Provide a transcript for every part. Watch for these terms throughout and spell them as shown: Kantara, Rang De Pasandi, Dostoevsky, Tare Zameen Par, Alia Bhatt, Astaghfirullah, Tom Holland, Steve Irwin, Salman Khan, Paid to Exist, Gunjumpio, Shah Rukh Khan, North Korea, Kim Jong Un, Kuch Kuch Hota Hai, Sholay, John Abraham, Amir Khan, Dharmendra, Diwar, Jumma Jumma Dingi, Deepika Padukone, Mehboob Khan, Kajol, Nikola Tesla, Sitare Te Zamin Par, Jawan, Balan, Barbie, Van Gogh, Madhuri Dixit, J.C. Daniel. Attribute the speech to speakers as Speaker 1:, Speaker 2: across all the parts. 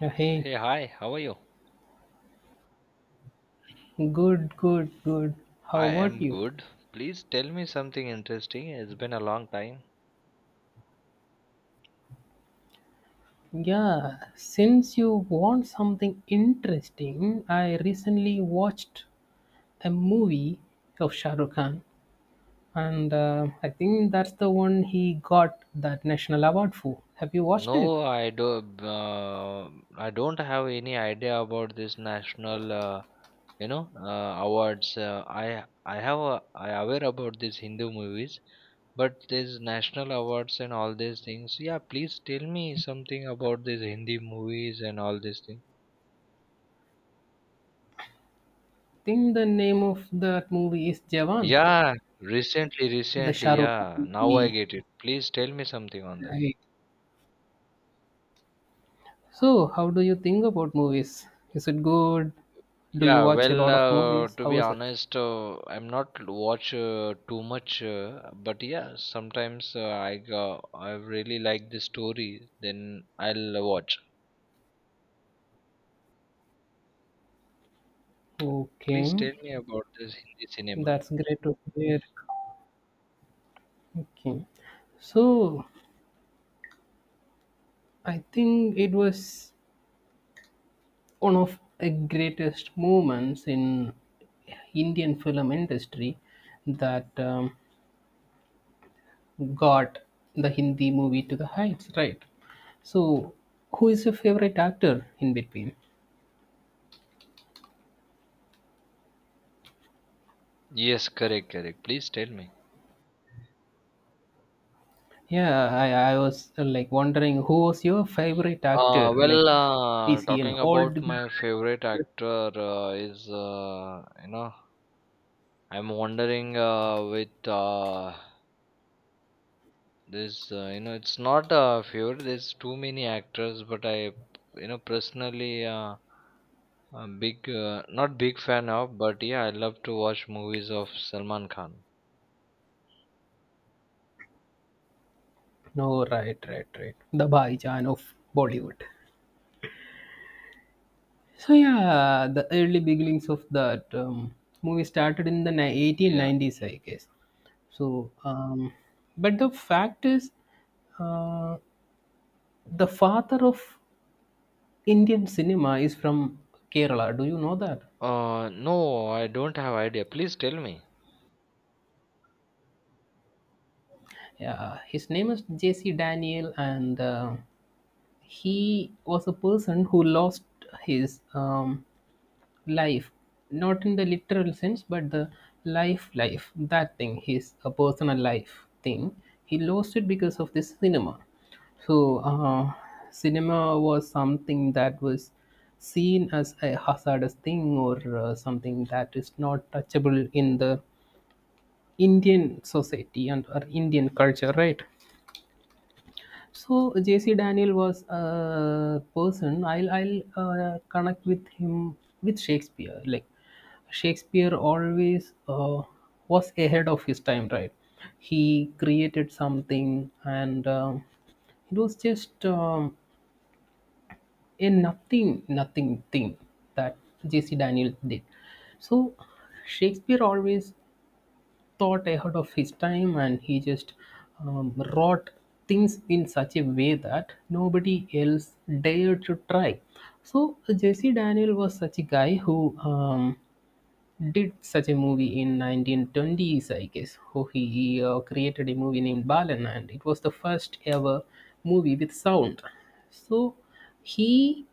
Speaker 1: Yeah, Hey,
Speaker 2: Hey, hi, how are you?
Speaker 1: good, good, good. How
Speaker 2: I
Speaker 1: about
Speaker 2: am
Speaker 1: you?
Speaker 2: good. Please tell me something interesting. It's been a long time.
Speaker 1: Yeah, since you want something interesting, I recently watched a movie of Shah Rukh Khan, and I think that's the one he got that national award for. Have you watched it?
Speaker 2: No, I do. Uh, I don't have any idea about this national, awards. I have a, I aware about these Hindu movies, but these national awards and all these things. Yeah, please tell me something about these Hindi movies and all these things.
Speaker 1: I think the name of that movie is Jawan,
Speaker 2: Yeah, recently,
Speaker 1: the Shah
Speaker 2: recently.
Speaker 1: Rukh Khan
Speaker 2: Yeah, now I
Speaker 1: movie.
Speaker 2: get it. Please tell me something on that.
Speaker 1: Right. So, how do you think about movies? Is it good? Do you
Speaker 2: Yeah,
Speaker 1: watch a
Speaker 2: well,
Speaker 1: lot of movies?
Speaker 2: to be
Speaker 1: How is it?
Speaker 2: honest, I'm not watch too much, but yeah, sometimes I go, I really like the story, then I'll watch. Please
Speaker 1: Okay.
Speaker 2: tell me about this Hindi cinema.
Speaker 1: That's great to hear. Okay. So I think it was one of the greatest moments in Indian film industry that got the Hindi movie to the heights, right? So who is your favorite actor in between?
Speaker 2: Yes, correct, correct. Please tell me.
Speaker 1: Yeah, I was like wondering who was your favorite actor? Like, is he an
Speaker 2: Talking
Speaker 1: old
Speaker 2: about
Speaker 1: guy?
Speaker 2: my favorite actor is, I'm wondering with this, it's not a fear. There's too many actors, but I, you know, personally, a big, not big fan of, but yeah, I love to watch movies of Salman Khan.
Speaker 1: No, right, right, right. The Bhaijan of Bollywood. So yeah, the early beginnings of that movie started in the
Speaker 2: Yeah.
Speaker 1: 1890s, I guess. So, but the fact is, uh, the father of Indian cinema is from Kerala. Do you know that?
Speaker 2: No, I don't have idea. Please tell me.
Speaker 1: Yeah, his name is J.C. Daniel, and he was a person who lost his life, not in the literal sense but the life, that thing, his a personal life thing. He lost it because of this cinema. So cinema was something that was seen as a hazardous thing or something that is not touchable in the Indian society and or Indian culture, right? So JC Daniel was a person. I'll connect with him with Shakespeare. Like Shakespeare always was ahead of his time, right? He created something, and it was just a nothing thing that JC Daniel did. So Shakespeare always thought ahead of his time, and he just wrought things in such a way that nobody else dared to try. So Jesse Daniel was such a guy who did such a movie in 1920s, I guess. Who he created a movie named Balan, and it was the first ever movie with sound. So he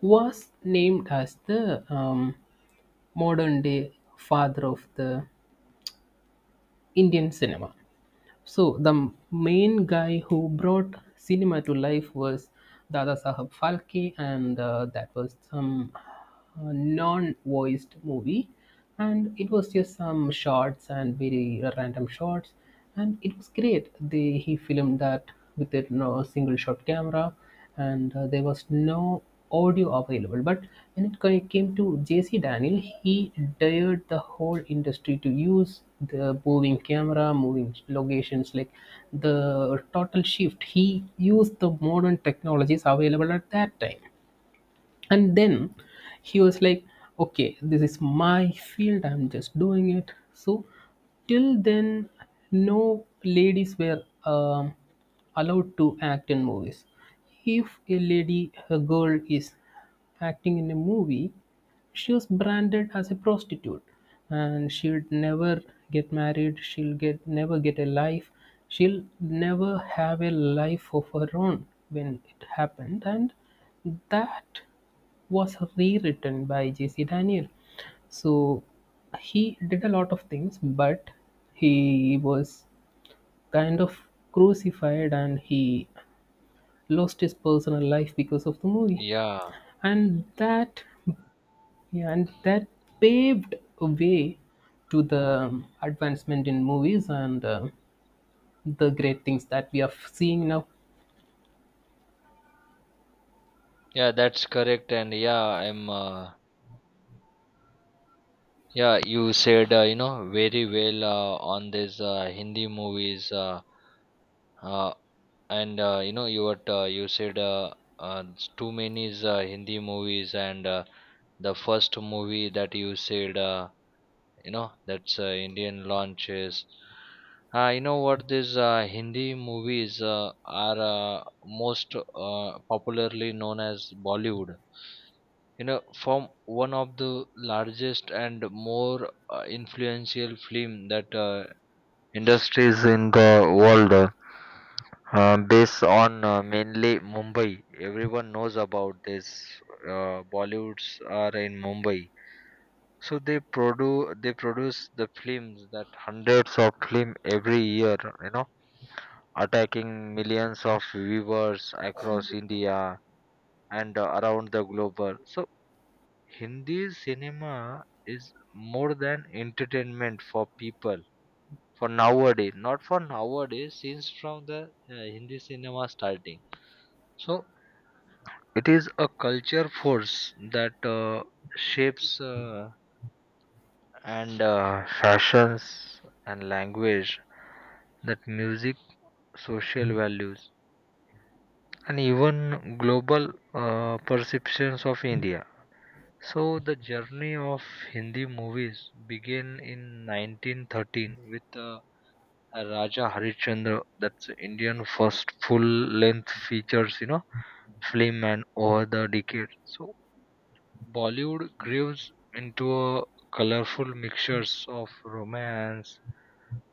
Speaker 1: was named as the um, modern day father of the Indian cinema. So the main guy who brought cinema to life was Dada Sahab Phalke, and that was some non-voiced movie, and it was just some shots and very random shots, and it was great. They he filmed that with a, no, single shot camera, and there was no audio available. But when it came to JC Daniel, he dared the whole industry to use the moving camera, moving locations, like the total shift. He used the modern technologies available at that time, and then he was like, okay, this is my field, I'm just doing it. So till then, no ladies were allowed to act in movies. If a girl is acting in a movie, she was branded as a prostitute, and she'll never get married, she'll get never get a life, she'll never have a life of her own, when it happened, and that was rewritten by JC Daniel. So he did a lot of things, but he was kind of crucified, and he lost his personal life because of the movie.
Speaker 2: Yeah,
Speaker 1: And that, yeah, and that paved a way to the advancement in movies, and the great things that we are seeing now.
Speaker 2: yeah, that's correct. And yeah, I'm, yeah, you said, very well, on this, Hindi movies, uh, and you know you what you said too many is Hindi movies, and the first movie that you said, you know that's Indian launches, you know what these Hindi movies are most popularly known as Bollywood. You know, from one of the largest and more influential film that industries in the world, based on mainly Mumbai, everyone knows about this. Bollywoods are in Mumbai, so they produce the films that hundreds of film every year. You know, attacking millions of viewers across India and around the globe. So Hindi cinema is more than entertainment for people for nowadays, not for nowadays. Since from the Hindi cinema starting. So it is a culture force that shapes and fashions and language, that music, social values, and even global perceptions of India. So the journey of Hindi movies began in 1913 with Raja Harishchandra. That's Indian first full length features, you know, film. And over the decade, so Bollywood grews into a colorful mixtures of romance,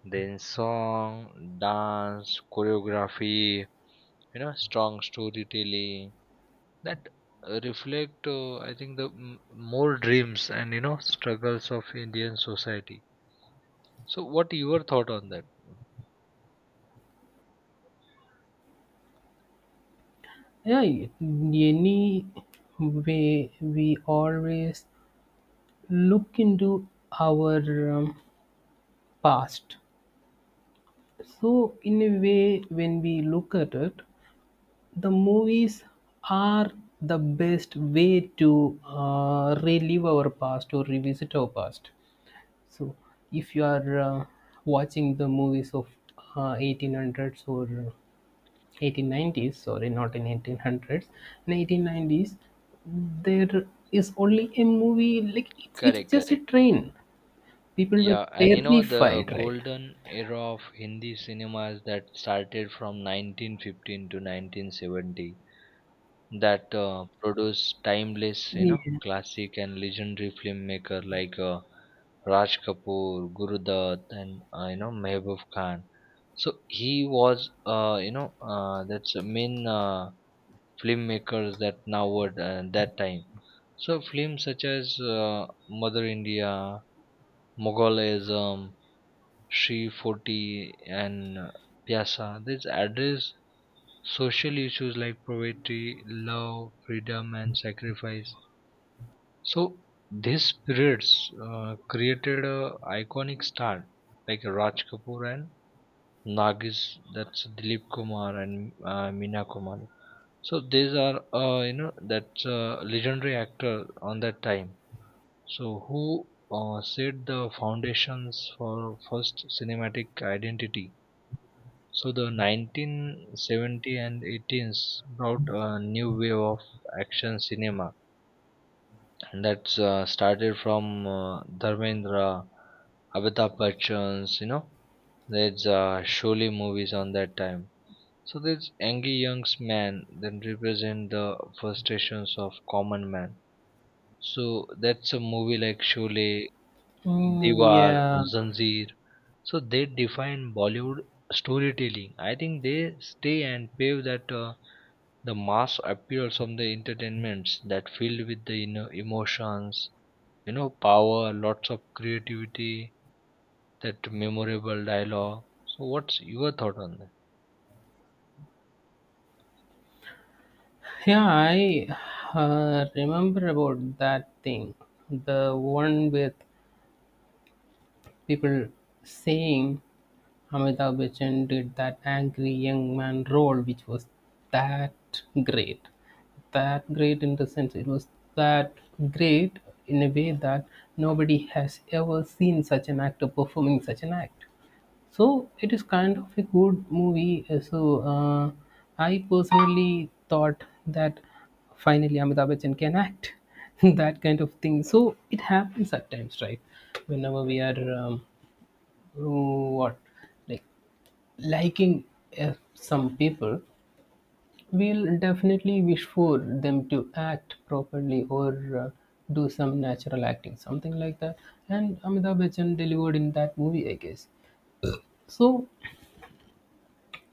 Speaker 2: then song, dance, choreography, you know, strong storytelling that reflect, I think, the more dreams and you know struggles of Indian society. So, what your thought on that?
Speaker 1: Yeah, in any way, we always look into our past. So, in a way, when we look at it, the movies are the best way to relive our past or revisit our past. So, if you are watching the movies of 1800s or 1890s, sorry, not in 1800s, in 1890s, there is only a movie, like it's
Speaker 2: Correct,
Speaker 1: just a
Speaker 2: correct.
Speaker 1: train. People were
Speaker 2: Yeah, and you know the
Speaker 1: terrified, right?
Speaker 2: golden era of Hindi cinemas that started from 1915 to 1970 that produce timeless, you know,
Speaker 1: Yeah.
Speaker 2: classic and legendary filmmaker like Raj Kapoor, Gurudat, and you know Mehboob Khan. So he was, that's a main filmmakers that now were that time. So films such as Mother India, Moghalism, Sri 40, and Pyasa, these address social issues like poverty, love, freedom, and sacrifice. So these spirits created a iconic star like Raj Kapoor and Nagis. That's Dilip Kumar and Meena Kumar. So these are, you know that's legendary actor on that time. So who set the foundations for first cinematic identity. So the 1970 and 18s brought a new wave of action cinema, and that's started from Dharmendra, Amitabh Bachchan's, you know, there's Sholay movies on that time. So this angry young man then represent the frustrations of common man. So that's a movie like Sholay,
Speaker 1: Mm,
Speaker 2: Diwar,
Speaker 1: yeah,
Speaker 2: Zanjeer. So they define Bollywood storytelling. I think they stay and pave that, the mass appeals of the entertainments that filled with the, you know, emotions, you know, power, lots of creativity, that memorable dialogue. So what's your thought on that?
Speaker 1: yeah. I remember about that thing, the one with people saying Amitabh Bachchan did that angry young man role, which was that great, that great in the sense it was that great in a way that nobody has ever seen such an actor performing such an act. So it is kind of a good movie. So I personally thought that finally Amitabh Bachchan can act, that kind of thing. So it happens at times, right? Whenever we are what like liking some people, we'll definitely wish for them to act properly or do some natural acting, something like that. And Amitabh Bachchan delivered in that movie, I guess. So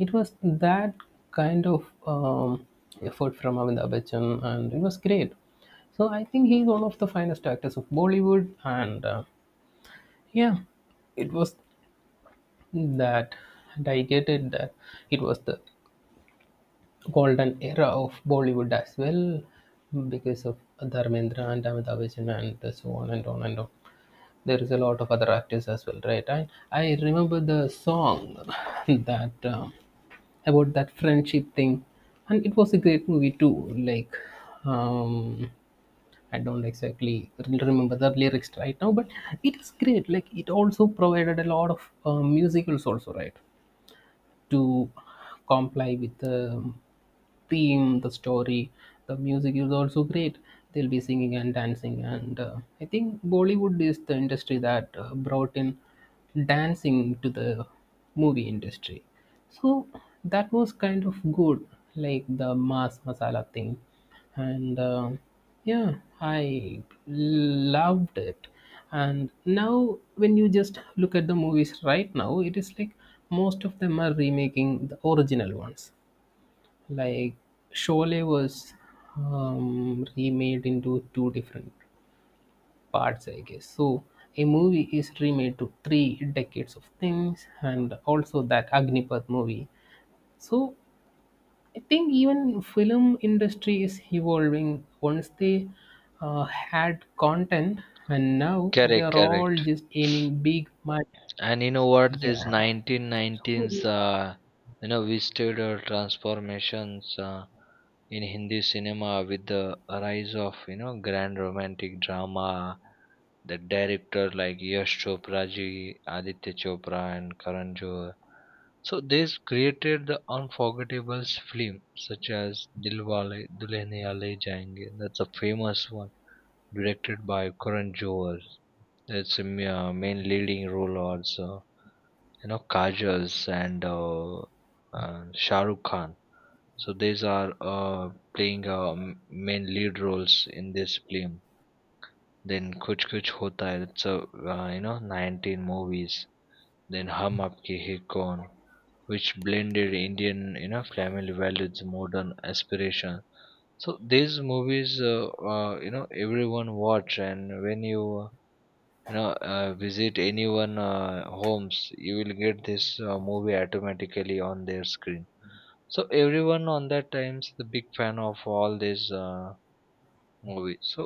Speaker 1: it was that kind of effort from Amitabh Bachchan, and it was great. So I think he's one of the finest actors of Bollywood, and yeah, it was that, and I get it that it was the golden era of Bollywood as well, because of Dharmendra and Amitabh Bachchan and so on and on and on. There is a lot of other actors as well, right? I remember the song, that. About that friendship thing, and it was a great movie too, like um I don't exactly remember the lyrics right now, but it is great. Like it also provided a lot of musicals also, right, to comply with the theme, the story. The music is also great. They'll be singing and dancing, and I think Bollywood is the industry that brought in dancing to the movie industry. So that was kind of good, like the mass masala thing, and yeah, I loved it. And now when you just look at the movies right now, it is like most of them are remaking the original ones. Like Sholay was remade into two different parts, I guess. So a movie is remade to three decades of things, and also that Agnipath movie. So I think even film industry is evolving. Once they had content, and now they
Speaker 2: Correct,
Speaker 1: are all
Speaker 2: correct.
Speaker 1: just aiming big money.
Speaker 2: And you know what? This
Speaker 1: Yeah.
Speaker 2: 1919s, you know, we stood transformations in Hindi cinema with the rise of, you know, grand romantic drama. The director like Yash Chopra ji, Aditya Chopra, and Karan Johar. So this created the unforgettable film such as Dilwale Dulhania Le Jayenge. That's a famous one directed by Karan Johar. That's a main leading role also, you know, Kajals and Shah Rukh Khan. So these are playing main lead roles in this film. Then Kuch Kuch Hota Hai, it's a, you know, 19 movies. Then Hum Aapke Hai Kaun, which blended Indian, you know, family values, modern aspiration. So these movies, you know, everyone watch, and when you know, visit anyone homes, you will get this movie automatically on their screen. So everyone on that time's the big fan of all these movies. So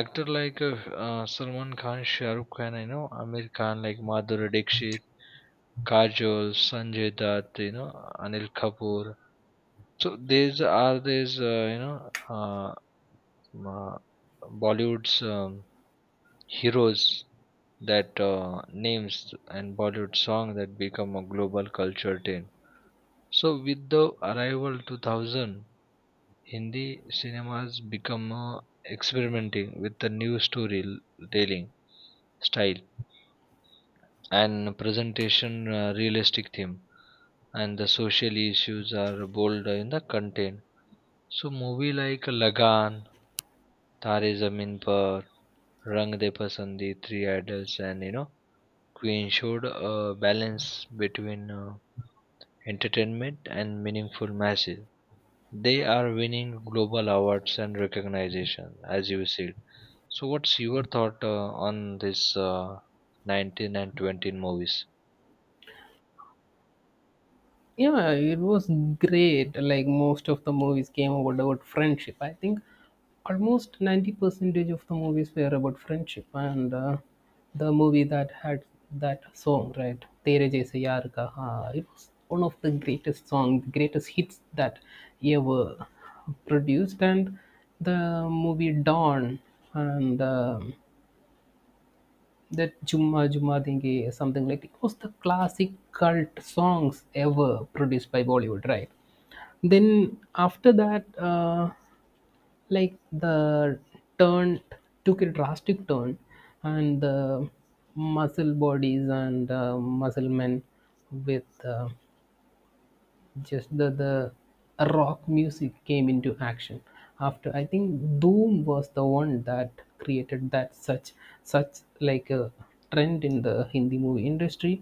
Speaker 2: actor like Salman Khan, Shahrukh Khan, you know, Amir Khan, like Madhuri Dixit, Kajol, Sanjay Dutt, you know, Anil Kapoor. So these are these, uh, uh, Bollywood's heroes that names and Bollywood song that become a global culture trend. So with the arrival 2000, Hindi cinemas become experimenting with the new storytelling style and presentation, realistic theme and the social issues are bold in the content. So movie like Lagan, Tare Zameen Par, Rang De Pasandi, Three Idols, and you know we ensured a balance between entertainment and meaningful message. They are winning global awards and recognition, as you said. So, what's your thought on this 19 and 20 movies?
Speaker 1: Yeah, it was great. Like most of the movies came about friendship. I think almost 90 percentage of the movies were about friendship. And the movie that had that song, right? Tere Jaise Yaar Ka, it was one of the greatest songs, the greatest hits that ever produced. And the movie Dawn, and that Jumma Jumma Dingi, something, like it was the classic cult songs ever produced by Bollywood, right? Then after that, like the turn took a drastic turn, and the muscle bodies and muscle men with just the rock music came into action. After, I think Doom was the one that created that such, like a trend in the Hindi movie industry.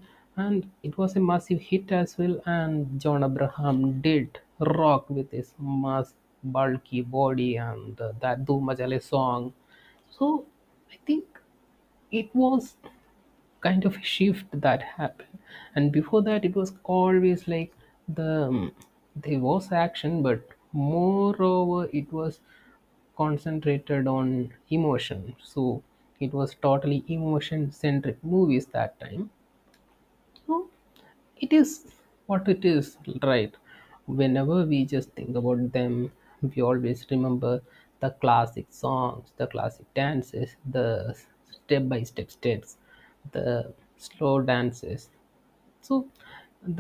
Speaker 1: And it was a massive hit as well, and John Abraham did rock with his mass bulky body, and that Doom Majale song. So I think it was kind of a shift that happened, and before that it was always like the um, there was action, but moreover it was concentrated on emotion. So it was totally emotion centric movies that time. Oh, it is what it is, right? Whenever we just think about them, we always remember the classic songs, the classic dances, the step by step steps, the slow dances. So,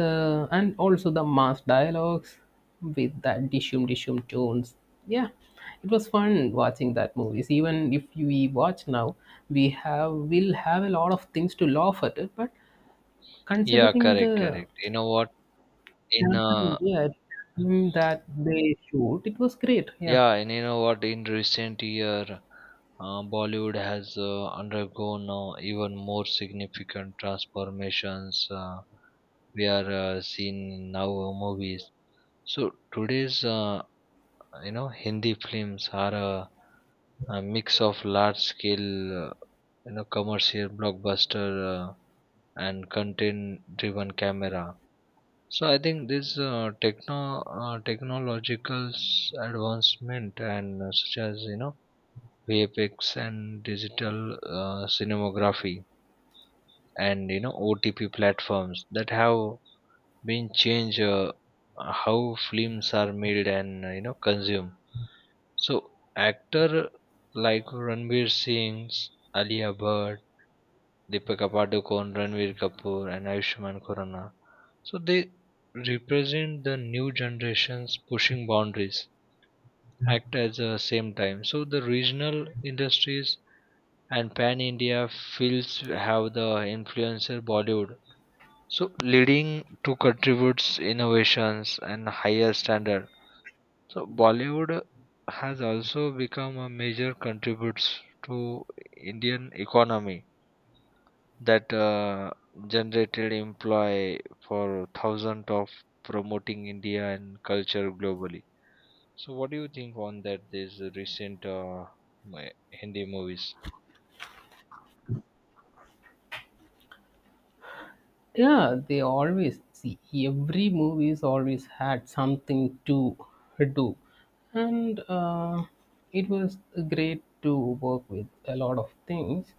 Speaker 1: the and also the mass dialogues with that dishum dishum tones. Yeah, it was fun watching that movies. Even if we watch now, we have will have a lot of things to laugh at it, but
Speaker 2: Yeah,
Speaker 1: considering
Speaker 2: correct,
Speaker 1: the
Speaker 2: correct. You know what? In
Speaker 1: campaign, yeah, that they shoot, it was great. Yeah,
Speaker 2: yeah, and you know what? In recent year, Bollywood has undergone even more significant transformations. We are seeing now movies. So today's, you know, Hindi films are a mix of large scale, you know, commercial blockbuster, and content driven camera. So I think this, technological advancement and such as, you know, VFX and digital cinematography, and you know OTP platforms that have been changed how films are made and, you know, consumed. So actor like Ranveer Singh, Alia Bhatt, Deepika Padukone, Ranveer Kapoor, and Ayushmann Khurrana. So they represent the new generations pushing boundaries, act at the same time. So the regional industries and pan India fields have the influencer Bollywood. So leading to contributes innovations and higher standards. So Bollywood has also become a major contributes to Indian economy that generated employ for thousands of promoting India and culture globally. So what do you think on that? These recent Hindi movies?
Speaker 1: yeah, they always see every movie's always had something to do, and it was great to work with a lot of things.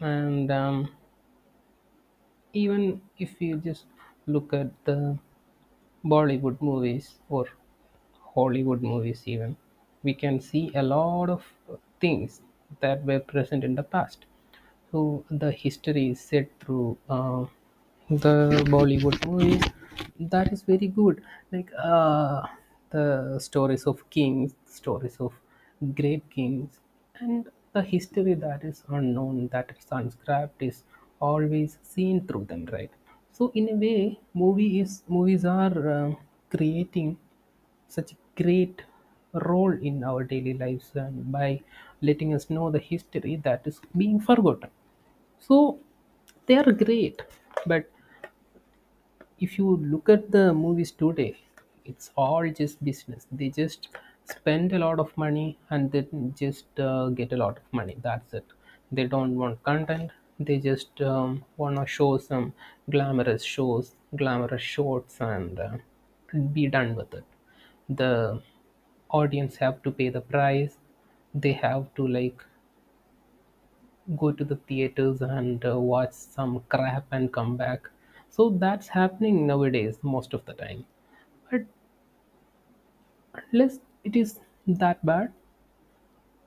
Speaker 1: And even if you just look at the Bollywood movies or Hollywood movies even, we can see a lot of things that were present in the past. So the history is set through the Bollywood movies. That is very good. Like the stories of kings, stories of great kings, and the history that is unknown, that is unscripted, is always seen through them, right? So in a way, movies are creating such a great role in our daily lives, and by letting us know the history that is being forgotten. So they are great, but if you look at the movies today, it's all just business. They just spend a lot of money and then just get a lot of money. That's it. They don't want content. They just want to show some glamorous shows, glamorous shorts, and be done with it. The audience have to pay the price. They have to like go to the theaters and watch some crap and come back. So that's happening nowadays, most of the time. But unless it is that bad,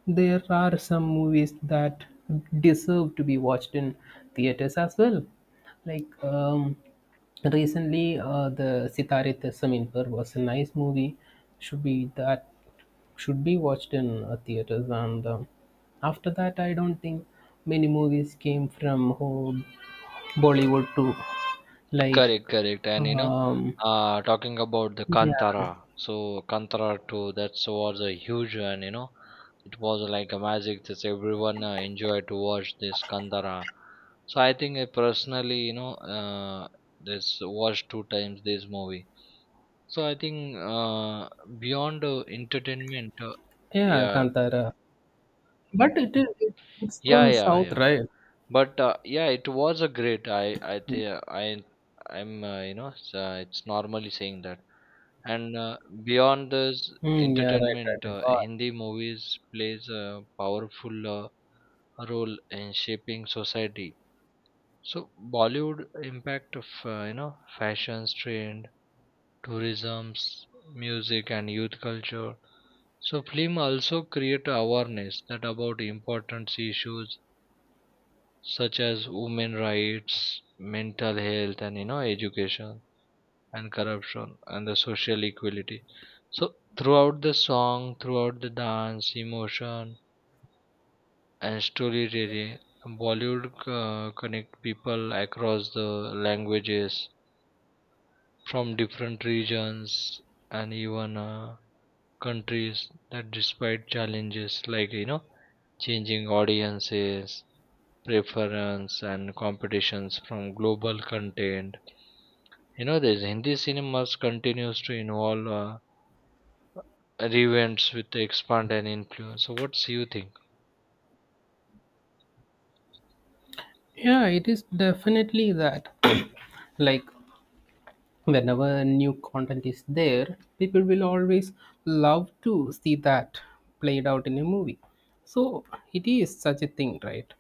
Speaker 1: there are some movies that deserve to be watched in theaters as well. Like recently, the Sitare Te Zamin Par was a nice movie. Should be that should be watched in theaters, and after that I don't think many movies came from home Bollywood too, like
Speaker 2: Correct, correct. And you know,
Speaker 1: um,
Speaker 2: talking about the
Speaker 1: yeah,
Speaker 2: Kantara, so Kantara 2, that was a huge one, you know. It was like a magic that everyone enjoyed to watch this Kantara. So I think I personally, you know, this watched two times this movie. So I think beyond entertainment,
Speaker 1: yeah,
Speaker 2: yeah,
Speaker 1: Kantara. But it's
Speaker 2: yeah,
Speaker 1: from
Speaker 2: yeah,
Speaker 1: South,
Speaker 2: yeah.
Speaker 1: right?
Speaker 2: But yeah, it was a great. I think I I'm you know it's normally saying that. And beyond this
Speaker 1: Mm, yeah, right, right,
Speaker 2: entertainment,
Speaker 1: right. God.
Speaker 2: Hindi movies plays a powerful role in shaping society. So Bollywood impact of, you know, fashions trend, tourism, music, and youth culture. So film also create awareness that about important issues such as women rights, mental health, and you know education, and corruption, and the social equality. So throughout the song, throughout the dance, emotion, and storytelling, Bollywood connect people across the languages from different regions and even countries that despite challenges like, you know, changing audiences preference and competitions from global content. You know, this Hindi cinemas continues to involve revamps with the expand and influence. So, what do you think?
Speaker 1: Yeah, it is definitely that. Like whenever new content is there, people will always love to see that played out in a movie. So it is such a thing, right?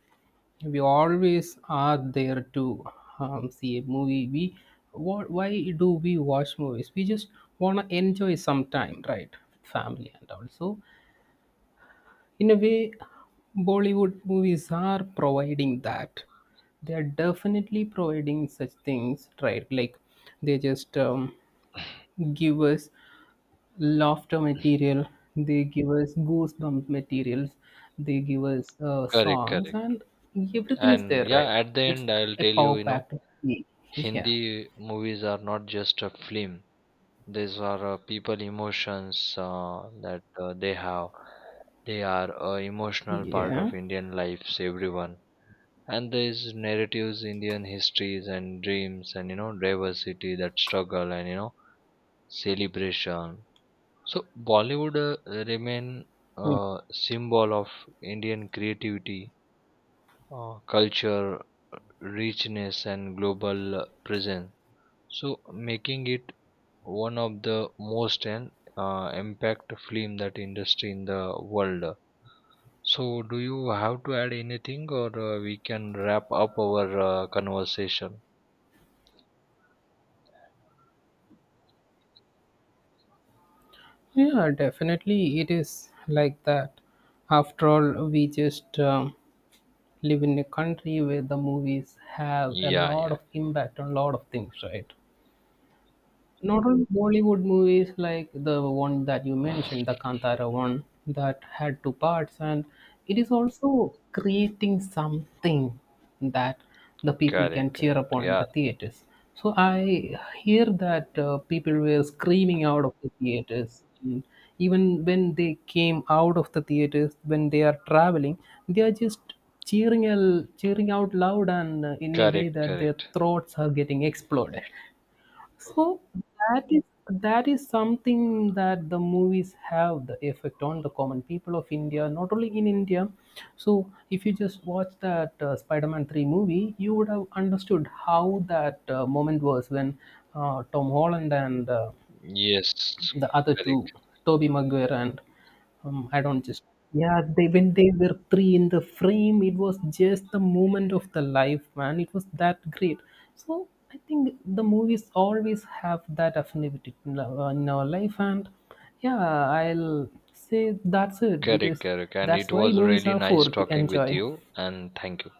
Speaker 1: We always are there to see a movie. We what why do we watch movies? We just want to enjoy some time, right, with family, and also in a way Bollywood movies are providing that. They are definitely providing such things, right, like they just give us laughter material. They give us goosebump materials. They give us
Speaker 2: Correct,
Speaker 1: songs,
Speaker 2: correct.
Speaker 1: and everything is
Speaker 2: And
Speaker 1: there,
Speaker 2: yeah,
Speaker 1: right?
Speaker 2: at the
Speaker 1: It's
Speaker 2: end, I'll
Speaker 1: a
Speaker 2: tell you,
Speaker 1: power
Speaker 2: you know,
Speaker 1: packed movie. Yeah,
Speaker 2: Hindi movies are not just a film. These are people emotions that they have. They are a emotional part
Speaker 1: yeah,
Speaker 2: of Indian lives, everyone. And these narratives, Indian histories and dreams, and you know, diversity, that struggle, and you know, celebration. So Bollywood remain
Speaker 1: yeah.
Speaker 2: a symbol of Indian creativity, culture, richness, and global presence. So making it one of the most and impact film that industry in the world. So do you have to add anything, or we can wrap up our conversation?
Speaker 1: Yeah, definitely it is like that. After all we just live in a country where the movies have a
Speaker 2: Yeah,
Speaker 1: lot
Speaker 2: yeah,
Speaker 1: of impact on a lot of things, right? Not all Bollywood movies, like the one that you mentioned, the Kantara one, that had two parts, and it is also creating something that the people
Speaker 2: correct,
Speaker 1: can cheer
Speaker 2: correct.
Speaker 1: upon in
Speaker 2: Yeah,
Speaker 1: the theaters. So I hear that people were screaming out of the theaters. And even when they came out of the theaters, when they are traveling, they are just cheering, cheering out loud, and in a way
Speaker 2: correct,
Speaker 1: that their
Speaker 2: correct.
Speaker 1: throats are getting exploded. So that is that is something that the movies have the effect on the common people of India, not only in India. So if you just watch that Spider-Man 3 movie, you would have understood how that moment was when Tom Holland and
Speaker 2: Yes,
Speaker 1: the other two,
Speaker 2: correct.
Speaker 1: Toby Maguire and I don't just, yeah, they, when they were three in the frame, it was just the moment of the life, man, it was that great. So I think the movies always have that affinity in our life. And yeah, I'll say that's it,
Speaker 2: Correct,
Speaker 1: because
Speaker 2: correct. And it
Speaker 1: that's why
Speaker 2: was
Speaker 1: movies
Speaker 2: really
Speaker 1: are
Speaker 2: nice
Speaker 1: for, to
Speaker 2: talking with
Speaker 1: enjoy.
Speaker 2: you, and thank you.